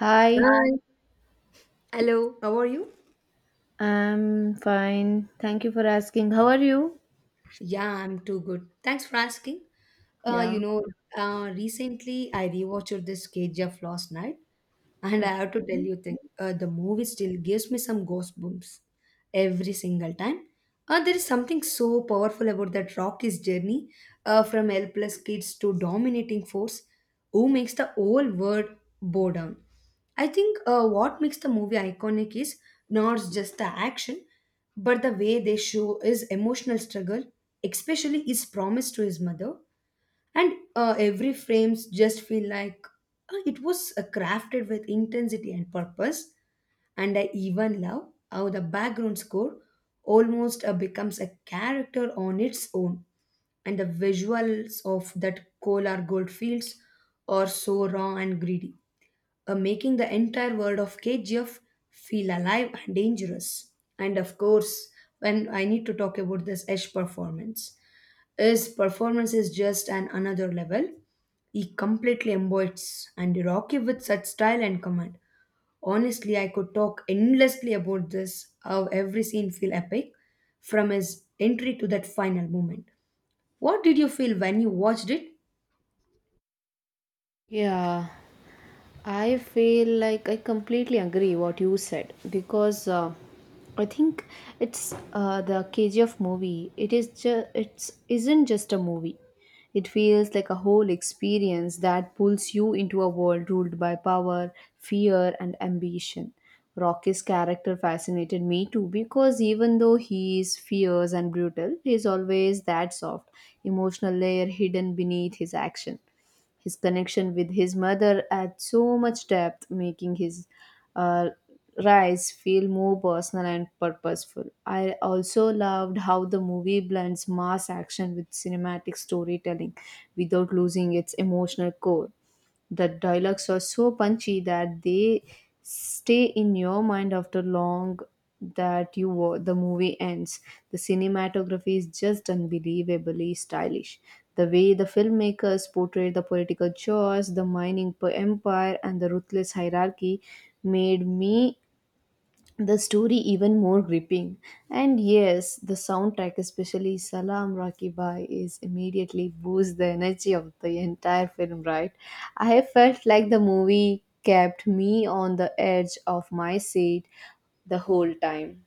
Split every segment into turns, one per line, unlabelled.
Hi,
Hi. Hello, how are you?
I'm fine. Thank you for asking. How are you?
Yeah, I'm too good. Thanks for asking. Uh,
Yeah.
you know, Recently I rewatched this KGF last night, and I
Okay.
have to tell you, the movie still gives me some goosebumps every single time. There is something so powerful about that Rocky's journey from helpless kids to dominating force who makes the whole world bow down. I think what makes the movie iconic is not just the action but the way they show his emotional struggle, especially his promise to his mother, and every frames just feel like it was crafted with intensity and purpose. And I even love how the background score almost becomes a character on its own, and the visuals of that Kolar gold fields are so raw and greedy, making the entire world of KGF feel alive and dangerous. And of course, when I need to talk about this Ash performance, his performance is just an another level. He completely embodies and Rocky with such style and command. Honestly, I could talk endlessly about this, how every scene feel epic, from his entry to that final moment. What did you feel when you watched it?
Yeah, I feel like I completely agree what you said because I think it's the KGF movie. It is just it's isn't just a movie. It feels like a whole experience that pulls you into a world ruled by power, fear, and ambition. Rocky's character fascinated me too because even though he is fierce and brutal, he is always that soft, emotional layer hidden beneath his action. His connection with his mother adds so much depth, making his uh, rise feel more personal and purposeful. I also loved how the movie blends mass action with cinematic storytelling without losing its emotional core. The dialogues are so punchy that they stay in your mind after long the movie ends. The cinematography is just unbelievably stylish. The way the filmmakers portrayed the political chaos, the mining empire, and the ruthless hierarchy made me the story even more gripping. And yes, the soundtrack, especially Salam Rocky Bhai, is immediately boosts the energy of the entire film, right? I felt like the movie kept me on the edge of my seat the whole time.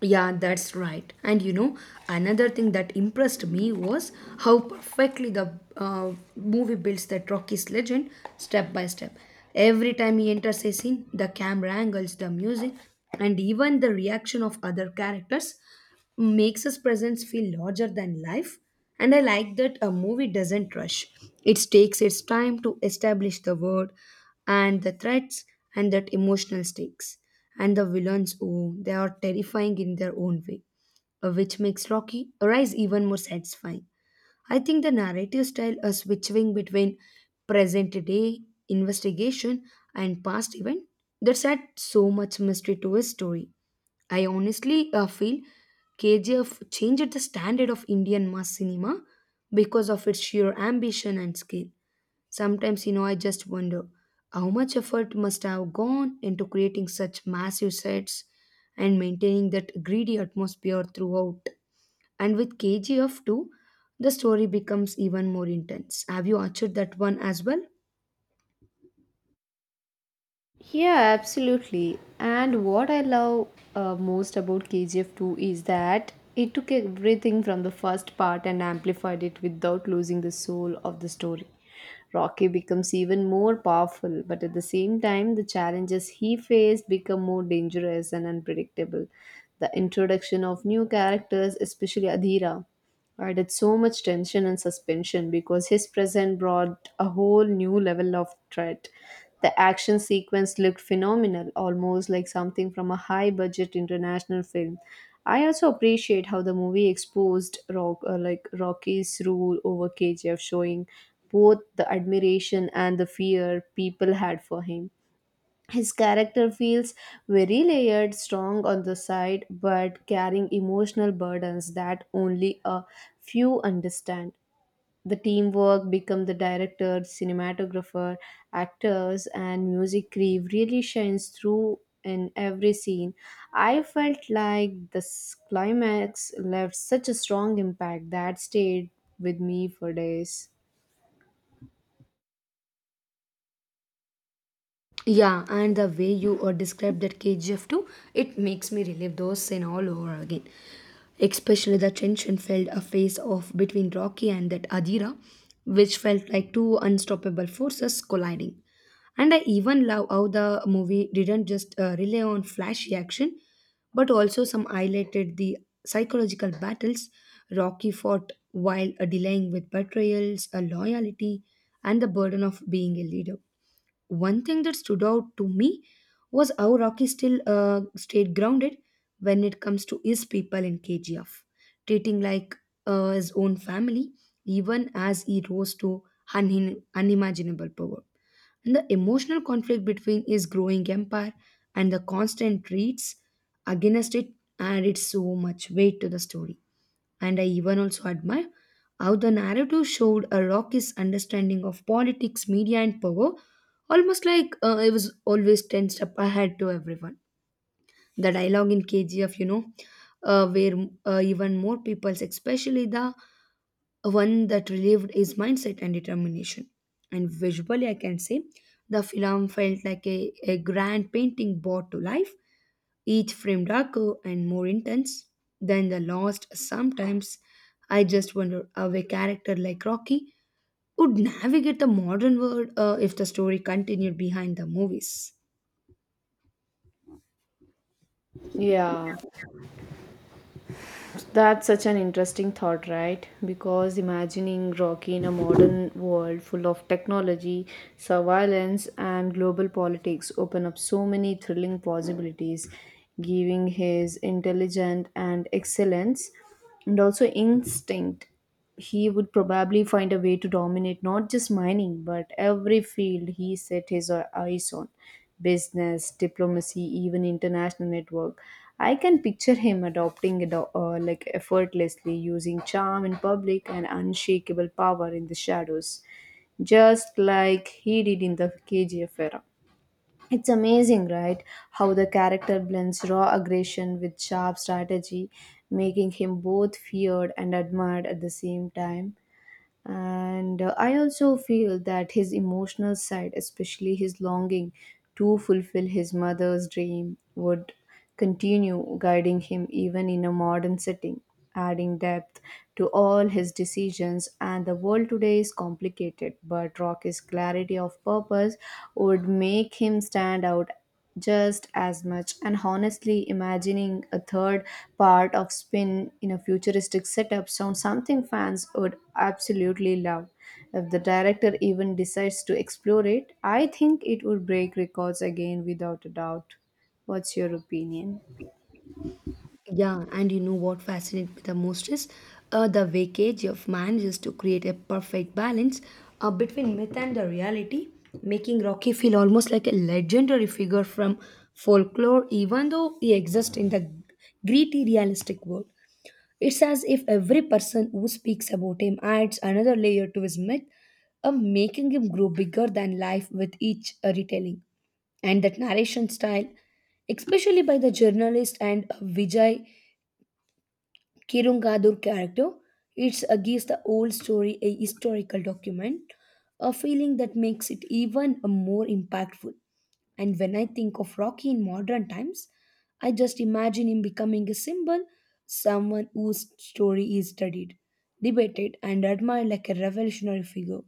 Yeah, that's right. And you know, another thing that impressed me was how perfectly the movie builds that Rocky's legend step by step. Every time he enters a scene, the camera angles, the music, and even the reaction of other characters makes his presence feel larger than life. And I like that a movie doesn't rush. It takes its time to establish the world and the threats and that emotional stakes. And the villains, oh, they are terrifying in their own way, which makes Rocky Rise even more satisfying. I think the narrative style is switching between present day investigation and past event that adds so much mystery to a story. I honestly feel KGF changed the standard of Indian mass cinema because of its sheer ambition and scale. Sometimes, you know, I just wonder how much effort must have gone into creating such massive sets and maintaining that greedy atmosphere throughout. And with KGF 2, the story becomes even more intense. Have you watched that one as well?
Yeah, absolutely. And what I love most about KGF 2 is that it took everything from the first part and amplified it without losing the soul of the story. Rocky becomes even more powerful, but at the same time, the challenges he faced become more dangerous and unpredictable. The introduction of new characters, especially Adhira, added so much tension and suspension because his presence brought a whole new level of threat. The action sequence looked phenomenal, almost like something from a high budget international film. I also appreciate how the movie exposed like Rocky's rule over KGF, showing both the admiration and the fear people had for him. His character feels very layered, strong on the side, but carrying emotional burdens that only a few understand. The teamwork become the director, cinematographer, actors, and music crew really shines through in every scene. I felt like this climax left such a strong impact that stayed with me for days.
Yeah, and the way you described that KGF 2, it makes me relive those scenes all over again. Especially the tension felt a face off between Rocky and that Adira, which felt like two unstoppable forces colliding. And I even love how the movie didn't just rely on flashy action, but also some highlighted the psychological battles Rocky fought while dealing with betrayals, loyalty, and the burden of being a leader. One thing that stood out to me was how Rocky still stayed grounded when it comes to his people in KGF, treating like his own family, even as he rose to unimaginable power. And the emotional conflict between his growing empire and the constant threats against it added so much weight to the story. And I even also admire how the narrative showed a Rocky's understanding of politics, media, and power, almost like it was always tensed up ahead to everyone. The dialogue in KGF, you know, where even more people, especially the one that relieved his mindset and determination. And visually, I can say the film felt like a grand painting brought to life, each frame darker and more intense than the last. Sometimes I just wonder how a character like Rocky would navigate the modern world if the story continued behind the movies.
Yeah. That's such an interesting thought, right? Because imagining Rocky in a modern world full of technology, surveillance, and global politics open up so many thrilling possibilities, giving his intelligence and excellence, and also instinct, he would probably find a way to dominate not just mining but every field he set his eyes on, business, diplomacy, even international network. I can picture him adopting it like effortlessly, using charm in public and unshakable power in the shadows, just like he did in the KGF era. It's amazing, right? How the character blends raw aggression with sharp strategy, making him both feared and admired at the same time. And I also feel that his emotional side, especially his longing to fulfill his mother's dream, would continue guiding him even in a modern setting, adding depth to all his decisions. And the world today is complicated, but Rocky's clarity of purpose would make him stand out just as much. And honestly, imagining a third part of spin in a futuristic setup sounds something fans would absolutely love. If the director even decides to explore it, I think it would break records again without a doubt. What's your opinion?
Yeah, and you know what fascinates me the most is the way KGF manages to create a perfect balance between myth and the reality, making Rocky feel almost like a legendary figure from folklore, even though he exists in the gritty, realistic world. It's as if every person who speaks about him adds another layer to his myth, making him grow bigger than life with each retelling, and that narration style, especially by the journalist and Vijay Kirungadur character. It's against the old story, a historical document, a feeling that makes it even more impactful. And when I think of Rocky in modern times, I just imagine him becoming a symbol, someone whose story is studied, debated, and admired like a revolutionary figure.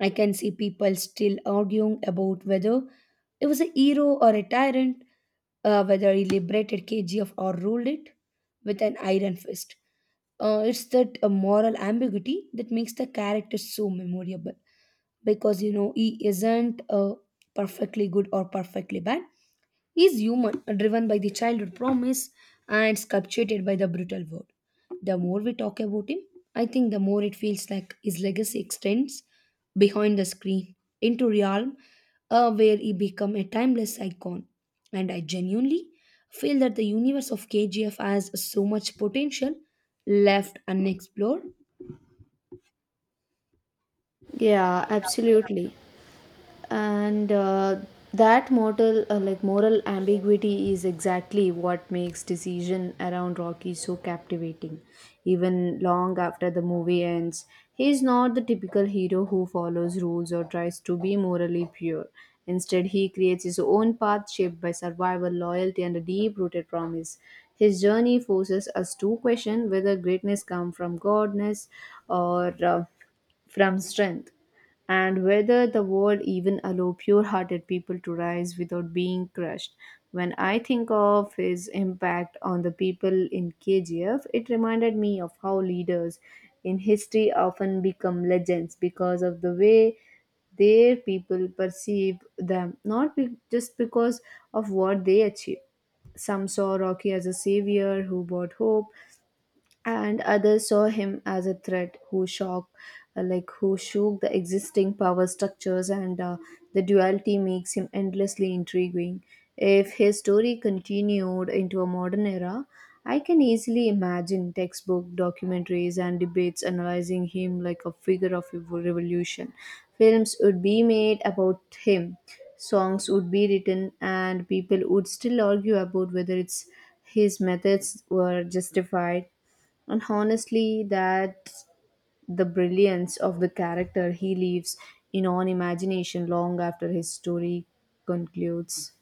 I can see people still arguing about whether he was a hero or a tyrant, whether he liberated KGF or ruled it with an iron fist. It's that moral ambiguity that makes the character so memorable, because you know he isn't perfectly good or perfectly bad, is human, driven by the childhood promise and sculpted by the brutal world. The more we talk about him, I think the more it feels like his legacy extends behind the screen into realm where he become a timeless icon. And I genuinely feel that the universe of KGF has so much potential left unexplored.
Yeah, absolutely. And that mortal like moral ambiguity is exactly what makes decision around Rocky so captivating, even long after the movie ends. He is not the typical hero who follows rules or tries to be morally pure. Instead, he creates his own path shaped by survival, loyalty, and a deep rooted promise. His journey forces us to question whether greatness comes from godness or from strength, and whether the world even allow pure-hearted people to rise without being crushed. When I think of his impact on the people in KGF, it reminded me of how leaders in history often become legends because of the way their people perceive them, not just because of what they achieve. Some saw Rocky as a savior who brought hope, and others saw him as a threat who shock like who shook the existing power structures, and the duality makes him endlessly intriguing. If his story continued into a modern era, I can easily imagine textbook documentaries and debates analyzing him like a figure of a revolution. Films would be made about him, songs would be written, and people would still argue about whether it's his methods were justified. And honestly, that's the brilliance of the character. He leaves in on imagination long after his story concludes.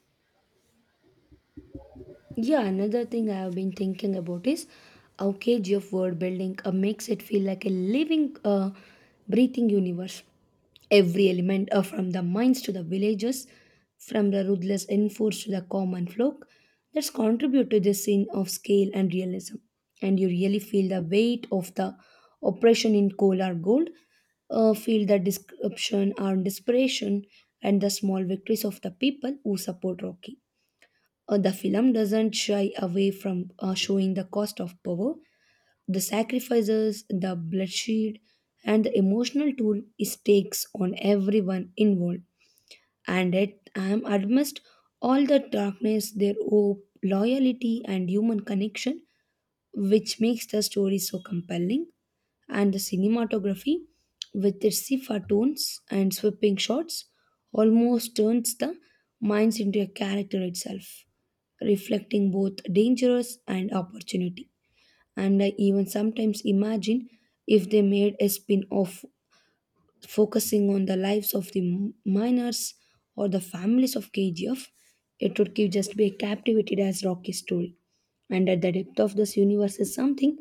Yeah, another thing I have been thinking about is how KG of world building makes it feel like a living, breathing universe. Every element, from the mines to the villages, from the ruthless enforce to the common folk, that's contribute to this scene of scale and realism. And you really feel the weight of the oppression in coal or gold, feel the description or desperation and the small victories of the people who support Rocky. Uh, the film doesn't shy away from showing the cost of power, the sacrifices, the bloodshed, and the emotional toll it takes on everyone involved. And yet, I am amidst all the darkness, their hope, loyalty, and human connection, which makes the story so compelling. And the cinematography, with its sepia tones and sweeping shots, almost turns the minds into a character itself, reflecting both dangers and opportunity. And I even sometimes imagine if they made a spin off focusing on the lives of the miners or the families of KGF, it would give just be captivated as Rocky's story. And at the depth of this universe is something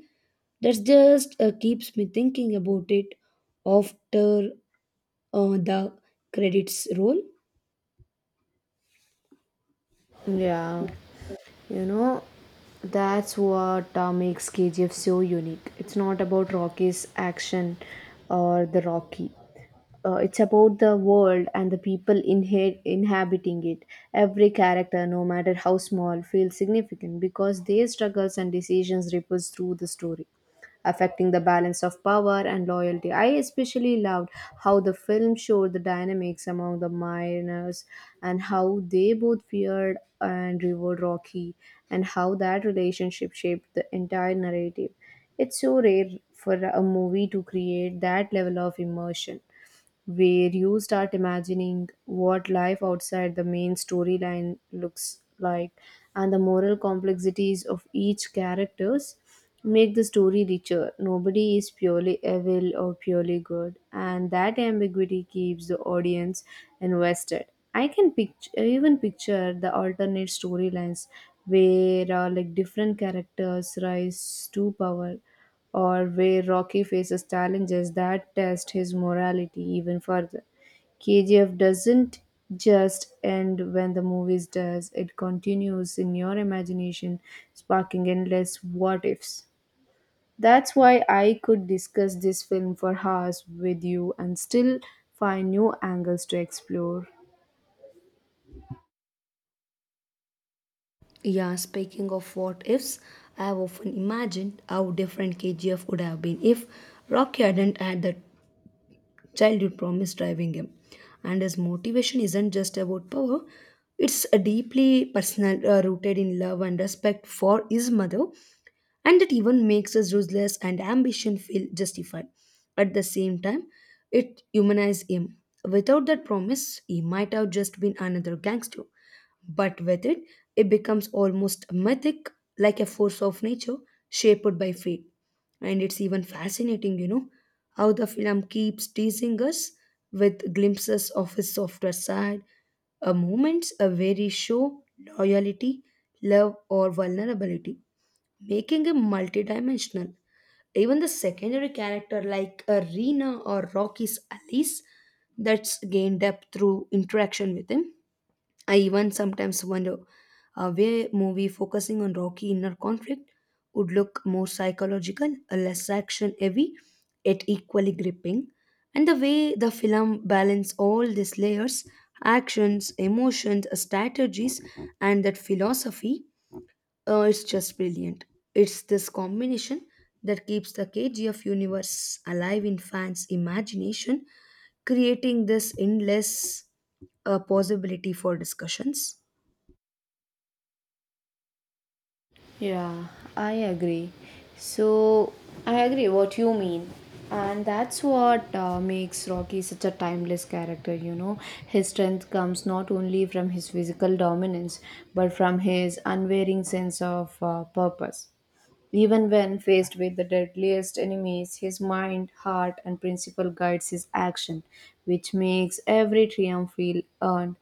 that just keeps me thinking about it after the credits roll.
Yeah, you know, that's what makes KGF so unique. It's not about Rocky's action or the Rocky. It's about the world and the people inhabiting it. Every character, no matter how small, feels significant because their struggles and decisions ripples through the story, affecting the balance of power and loyalty. I especially loved how the film showed the dynamics among the miners and how they both feared and revered Rocky, and how that relationship shaped the entire narrative. It's so rare for a movie to create that level of immersion where you start imagining what life outside the main storyline looks like, and the moral complexities of each characters make the story richer. Nobody is purely evil or purely good, and that ambiguity keeps the audience invested. I can picture, even picture the alternate storylines where like different characters rise to power or where Rocky faces challenges that test his morality even further. KGF doesn't just end when the movies does, it continues in your imagination, sparking endless what ifs. That's why I could discuss this film for hours with you and still find new angles to explore.
Yeah, speaking of what ifs, I have often imagined how different KGF would have been if Rocky hadn't had that childhood promise driving him, and his motivation isn't just about power. It's a deeply personal, rooted in love and respect for his mother, and it even makes his ruthless and ambition feel justified. At the same time, it humanizes him. Without that promise, he might have just been another gangster, but with it, it becomes almost mythic, like a force of nature shaped by fate. And it's even fascinating, you know, how the film keeps teasing us with glimpses of his softer side, a moments a very show loyalty, love, or vulnerability, making him multidimensional. Even the secondary character like Rena or Rocky's Alice, that's gained depth through interaction with him. I even sometimes wonder where movie focusing on Rocky inner conflict would look more psychological, less action heavy, yet equally gripping. And the way the film balance all these layers, actions, emotions, strategies, and that philosophy, it's just brilliant. It's this combination that keeps the KGF universe alive in fans' imagination, creating this endless possibility for discussions.
Yeah, I agree. So, I agree what you mean. And that's what makes Rocky such a timeless character, you know. His strength comes not only from his physical dominance, but from his unwavering sense of purpose. Even when faced with the deadliest enemies, his mind, heart, and principle guides his action, which makes every triumph feel earned.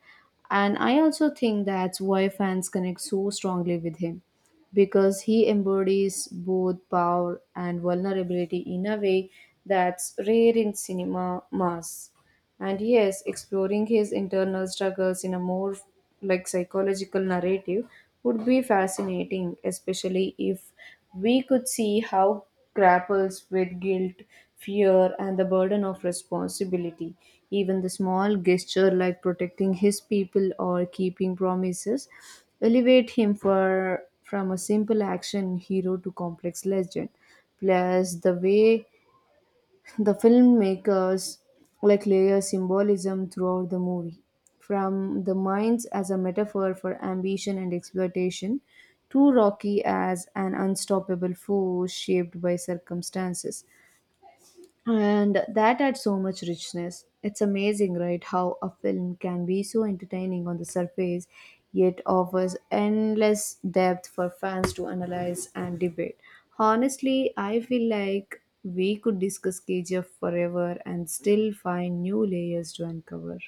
And I also think that's why fans connect so strongly with him, because he embodies both power and vulnerability in a way that's rare in cinema mass. And yes, exploring his internal struggles in a more like psychological narrative would be fascinating, especially if we could see how grapples with guilt, fear, and the burden of responsibility. Even the small gesture like protecting his people or keeping promises elevate him for from a simple action hero to complex legend. Plus the way the filmmakers like layer symbolism throughout the movie, from the mines as a metaphor for ambition and exploitation to Rocky as an unstoppable force shaped by circumstances, and that adds so much richness. It's amazing, right, how a film can be so entertaining on the surface yet offers endless depth for fans to analyze and debate. Honestly, I feel like we could discuss KGF forever and still find new layers to uncover.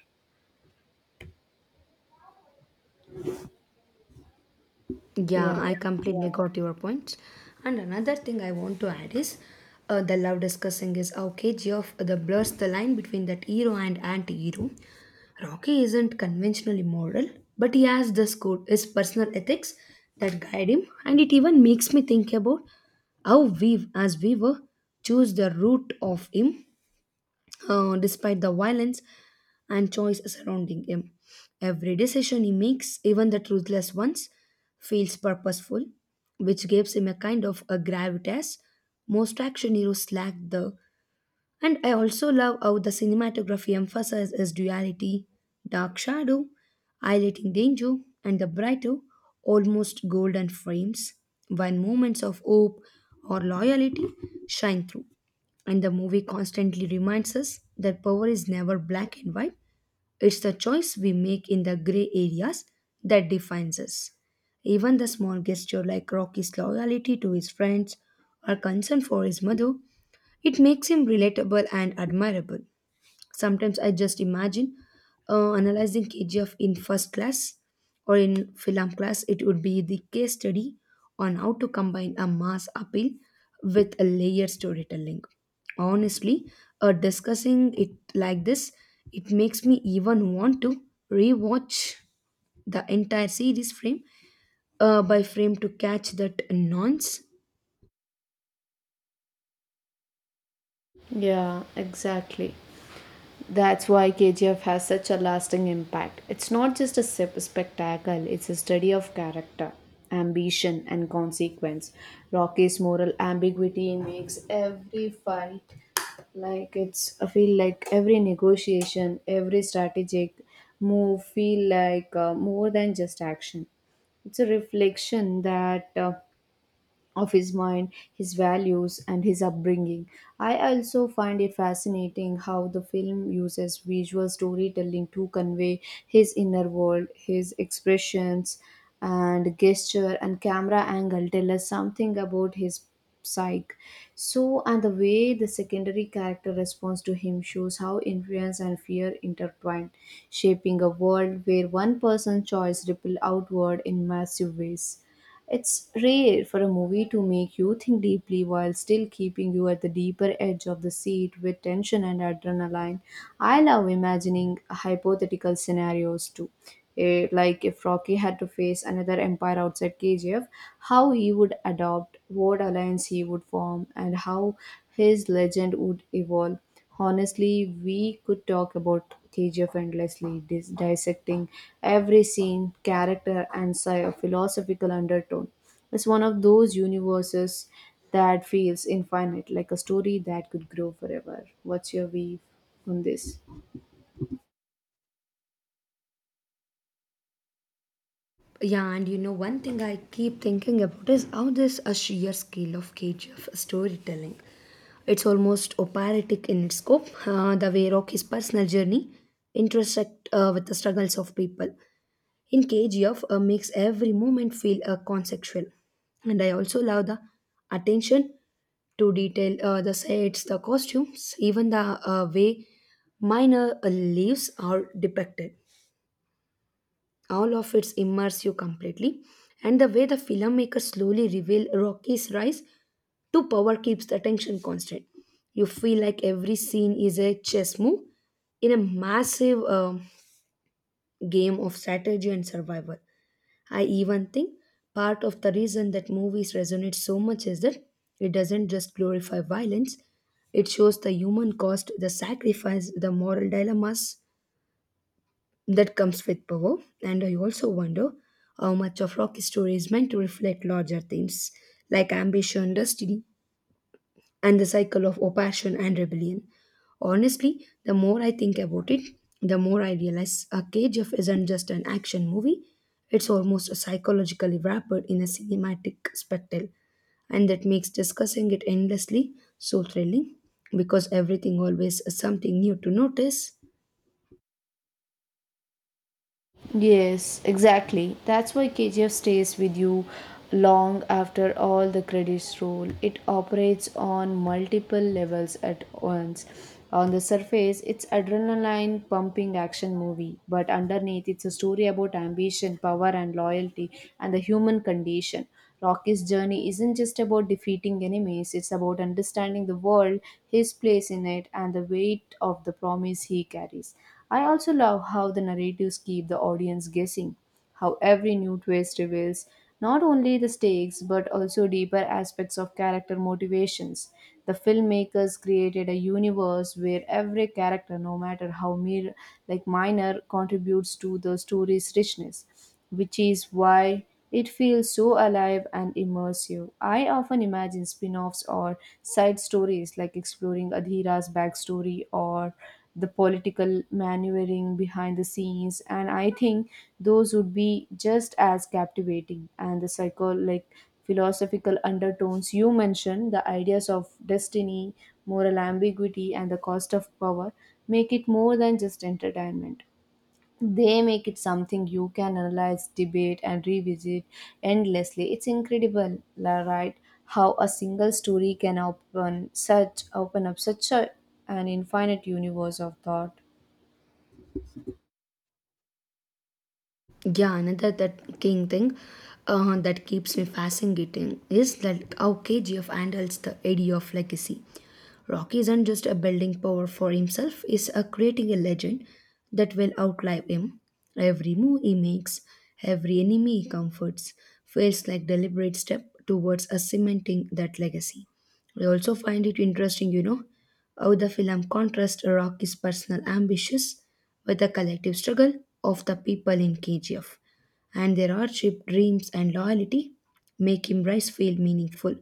Yeah,
Yeah,
I completely Yeah. got your point. And another thing I want to add is the love discussing is how KGF the blurs the line between that hero and anti-hero. Rocky isn't conventionally moral, but he has this code, his personal ethics that guide him, and it even makes me think about how we, as we were, choose the route of him despite the violence and choice surrounding him. Every decision he makes, even the truthless ones, feels purposeful, which gives him a kind of a gravitas most action heroes lack the. And I also love how the cinematography emphasizes his duality, dark shadow, highlighting danger, and the brighter, almost golden frames, when moments of hope or loyalty shine through. And the movie constantly reminds us that power is never black and white, it's the choice we make in the gray areas that defines us. Even the small gesture like Rocky's loyalty to his friends or concern for his mother, it makes him relatable and admirable. Sometimes I just imagine analyzing KGF in first class or in film class. It would be the case study on how to combine a mass appeal with a layered storytelling. Honestly, discussing it like this, it makes me even want to rewatch the entire series frame by frame to catch that nuance.
yeah, exactly. That's why KGF has such a lasting impact. It's not just a spectacle, it's a study of character, ambition, and consequence. Rocky's moral ambiguity makes every fight like it's I feel like every negotiation, every strategic move feel like more than just action. It's a reflection that of his mind, his values, and his upbringing. I also find it fascinating how the film uses visual storytelling to convey his inner world, his expressions, and gesture and camera angle tell us something about his psyche. So, and the way the secondary character responds to him shows how influence and fear intertwine, shaping a world where one person's choice ripple outward in massive ways. It's rare for a movie to make you think deeply while still keeping you at the deeper edge of the seat with tension and adrenaline. I love imagining hypothetical scenarios too. Like if Rocky had to face another empire outside KGF, how he would adopt, what alliance he would form, and how his legend would evolve. Honestly, we could talk about KGF endlessly, dissecting every scene, character, and philosophical undertone. It's one of those universes that feels infinite, like a story that could grow forever. What's your view on this?
Yeah, and you know, one thing I keep thinking about is how this a sheer scale of KGF storytelling. It's almost operatic in its scope, the way Rocky's personal journey intersect with the struggles of people. In KGF, makes every moment feel conceptual. And I also love the attention to detail, the sets, the costumes, even the way minor leaves are depicted, all of it immerse you completely. And the way the filmmaker slowly reveal Rocky's rise to power keeps the attention constant. You feel like every scene is a chess move in a massive game of strategy and survival. I even think part of the reason that movies resonate so much is that it doesn't just glorify violence. It shows the human cost, the sacrifice, the moral dilemmas that comes with power. And I also wonder how much of rock history is meant to reflect larger themes like ambition, destiny, and the cycle of oppression and rebellion. Honestly, the more I think about it, the more I realize a KGF isn't just an action movie. It's almost a psychologically wrapped in a cinematic spectacle, and that makes discussing it endlessly so thrilling because everything always is something new to notice.
Yes, exactly. That's why KGF stays with you long after all the credits roll. It operates on multiple levels at once. On the surface, it's adrenaline pumping action movie, but underneath, it's a story about ambition, power, and loyalty, and the human condition. Rocky's journey isn't just about defeating enemies, it's about understanding the world, his place in it, and the weight of the promise he carries. I also love how the narratives keep the audience guessing, how every new twist reveals not only the stakes but also deeper aspects of character motivations. The filmmakers created a universe where every character, no matter how mere, like minor, contributes to the story's richness, which is why it feels so alive and immersive. I often imagine spin offs or side stories, like exploring Adhira's backstory or the political maneuvering behind the scenes, and I think those would be just as captivating. And the psycho like philosophical undertones you mentioned, the ideas of destiny, moral ambiguity, and the cost of power make it more than just entertainment. They make it something you can analyze, debate, and revisit endlessly. It's incredible, right? How a single story can open up an infinite universe of thought.
Yeah, another that king thing that keeps me fascinating is that how KGF handles the idea of legacy. Rocky isn't just a building power for himself, is a creating a legend that will outlive him. Every move he makes, every enemy he comforts, feels like deliberate step towards a cementing that legacy. I also find it interesting, you know, how the film contrasts Rocky's personal ambitions with the collective struggle of the people in KGF, and their hardship, dreams, and loyalty make him rise feel meaningful,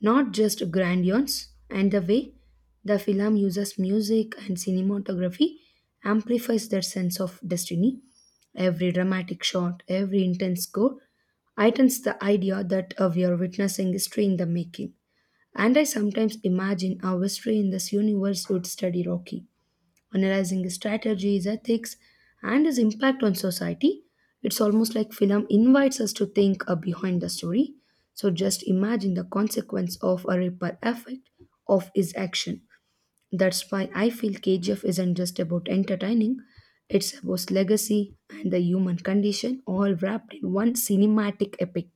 not just grandiose. And the way the film uses music and cinematography amplifies their sense of destiny. Every dramatic shot, every intense score heightens the idea that we are witnessing history in the making. And I sometimes imagine how history in this universe would study Rocky, analyzing his strategies, ethics, and his impact on society. It's almost like film invites us to think behind the story. So just imagine the consequence of a ripple effect of his action. That's why I feel KGF isn't just about entertaining, it's about legacy and the human condition all wrapped in one cinematic epic.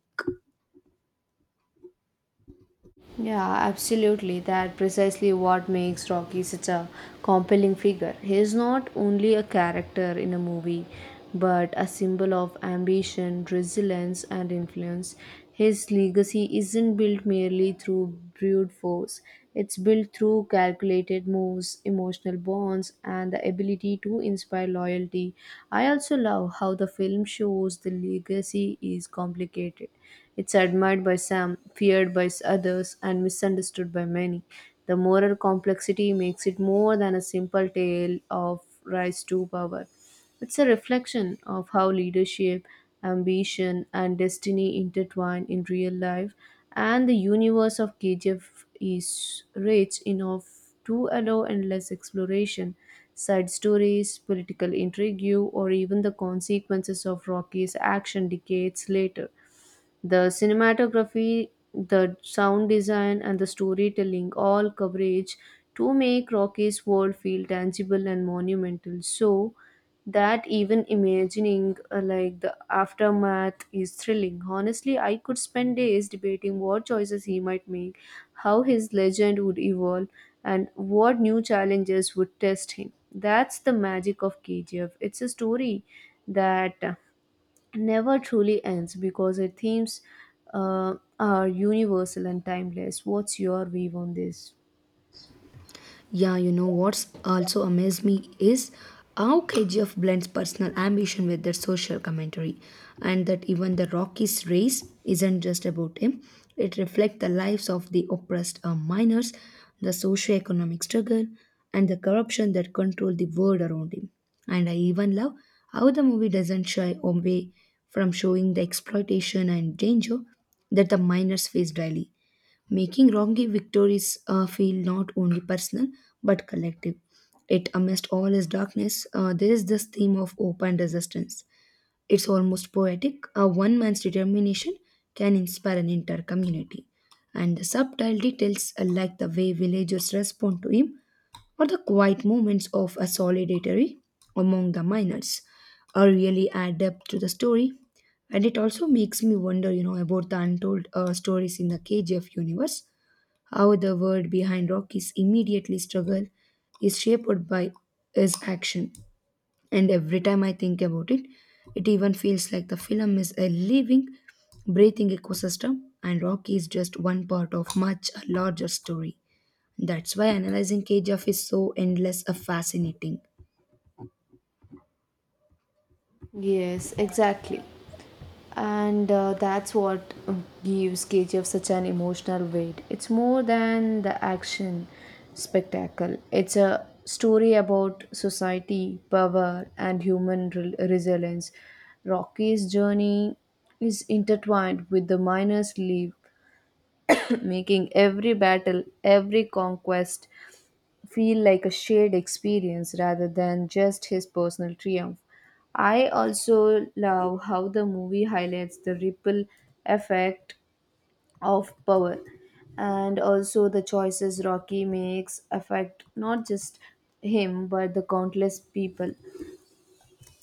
Yeah, absolutely. That precisely what makes Rocky such a compelling figure. He is not only a character in a movie, but a symbol of ambition, resilience, and influence. His legacy isn't built merely through brute force. It's built through calculated moves, emotional bonds, and the ability to inspire loyalty. I also love how the film shows the legacy is complicated. It's admired by some, feared by others, and misunderstood by many. The moral complexity makes it more than a simple tale of rise to power. It's a reflection of how leadership, ambition, and destiny intertwine in real life, and the universe of KGF is rich enough to allow endless exploration. Side stories, political intrigue, or even the consequences of Rocky's action decades later. The cinematography, the sound design, and the storytelling all coverage to make Rocky's world feel tangible and monumental. So that even imagining the aftermath is thrilling. Honestly, I could spend days debating what choices he might make, how his legend would evolve, and what new challenges would test him. That's the magic of KGF. It's a story that never truly ends because its themes are universal and timeless. What's your view on this?
Yeah, you know what's also amazed me is how KGF blends personal ambition with their social commentary, and that even the Rockies race isn't just about him. It reflects the lives of the oppressed miners, the socio-economic struggle, and the corruption that control the world around him. And I even love how the movie doesn't shy away from showing the exploitation and danger that the miners face daily, making Rocky victories feel not only personal but collective. It amidst all his darkness, there is this theme of hope and resistance. It's almost poetic. A one man's determination can inspire an entire community. And the subtle details, like the way villagers respond to him, or the quiet moments of a solidarity among the miners, really add depth to the story. And it also makes me wonder, you know, about the untold stories in the KGF universe, how the world behind Rocky's immediately struggle is shaped by his action. And every time I think about it, it even feels like the film is a living, breathing ecosystem, and Rocky is just one part of much larger story. That's why analyzing KGF is so endless and fascinating.
Yes, exactly. And that's what gives KGF such an emotional weight. It's more than the action spectacle, it's a story about society, power, and human resilience. Rocky's journey is intertwined with the miner's leave, making every battle, every conquest, feel like a shared experience rather than just his personal triumph. I also love how the movie highlights the ripple effect of power, and also the choices Rocky makes affect not just him but the countless people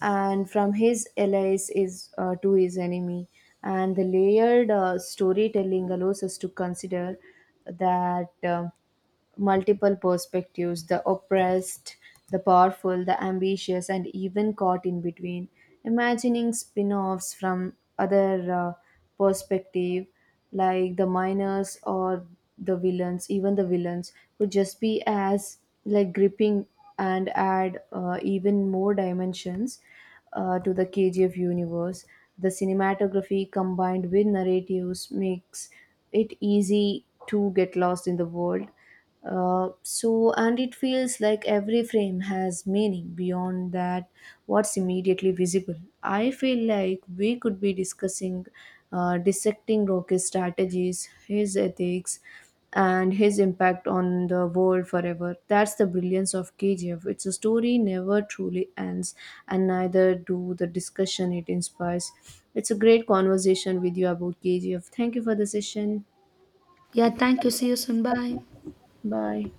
and from his allies is to his enemy, and the layered storytelling allows us to consider that multiple perspectives, the oppressed, the powerful, the ambitious, and even caught in between. Imagining spin offs from other perspective, like the miners or even the villains, could just be as like gripping and add even more dimensions to the KGF universe. The cinematography combined with narratives makes it easy to get lost in the world. And it feels like every frame has meaning beyond that what's immediately visible. I feel like we could be discussing dissecting Rocky's strategies, his ethics, and his impact on the world forever. That's the brilliance of KGF. It's a story never truly ends, and neither do the discussion it inspires. It's a great conversation with you about KGF. Thank you for the session.
Yeah, thank you. See you soon. Bye.
Bye.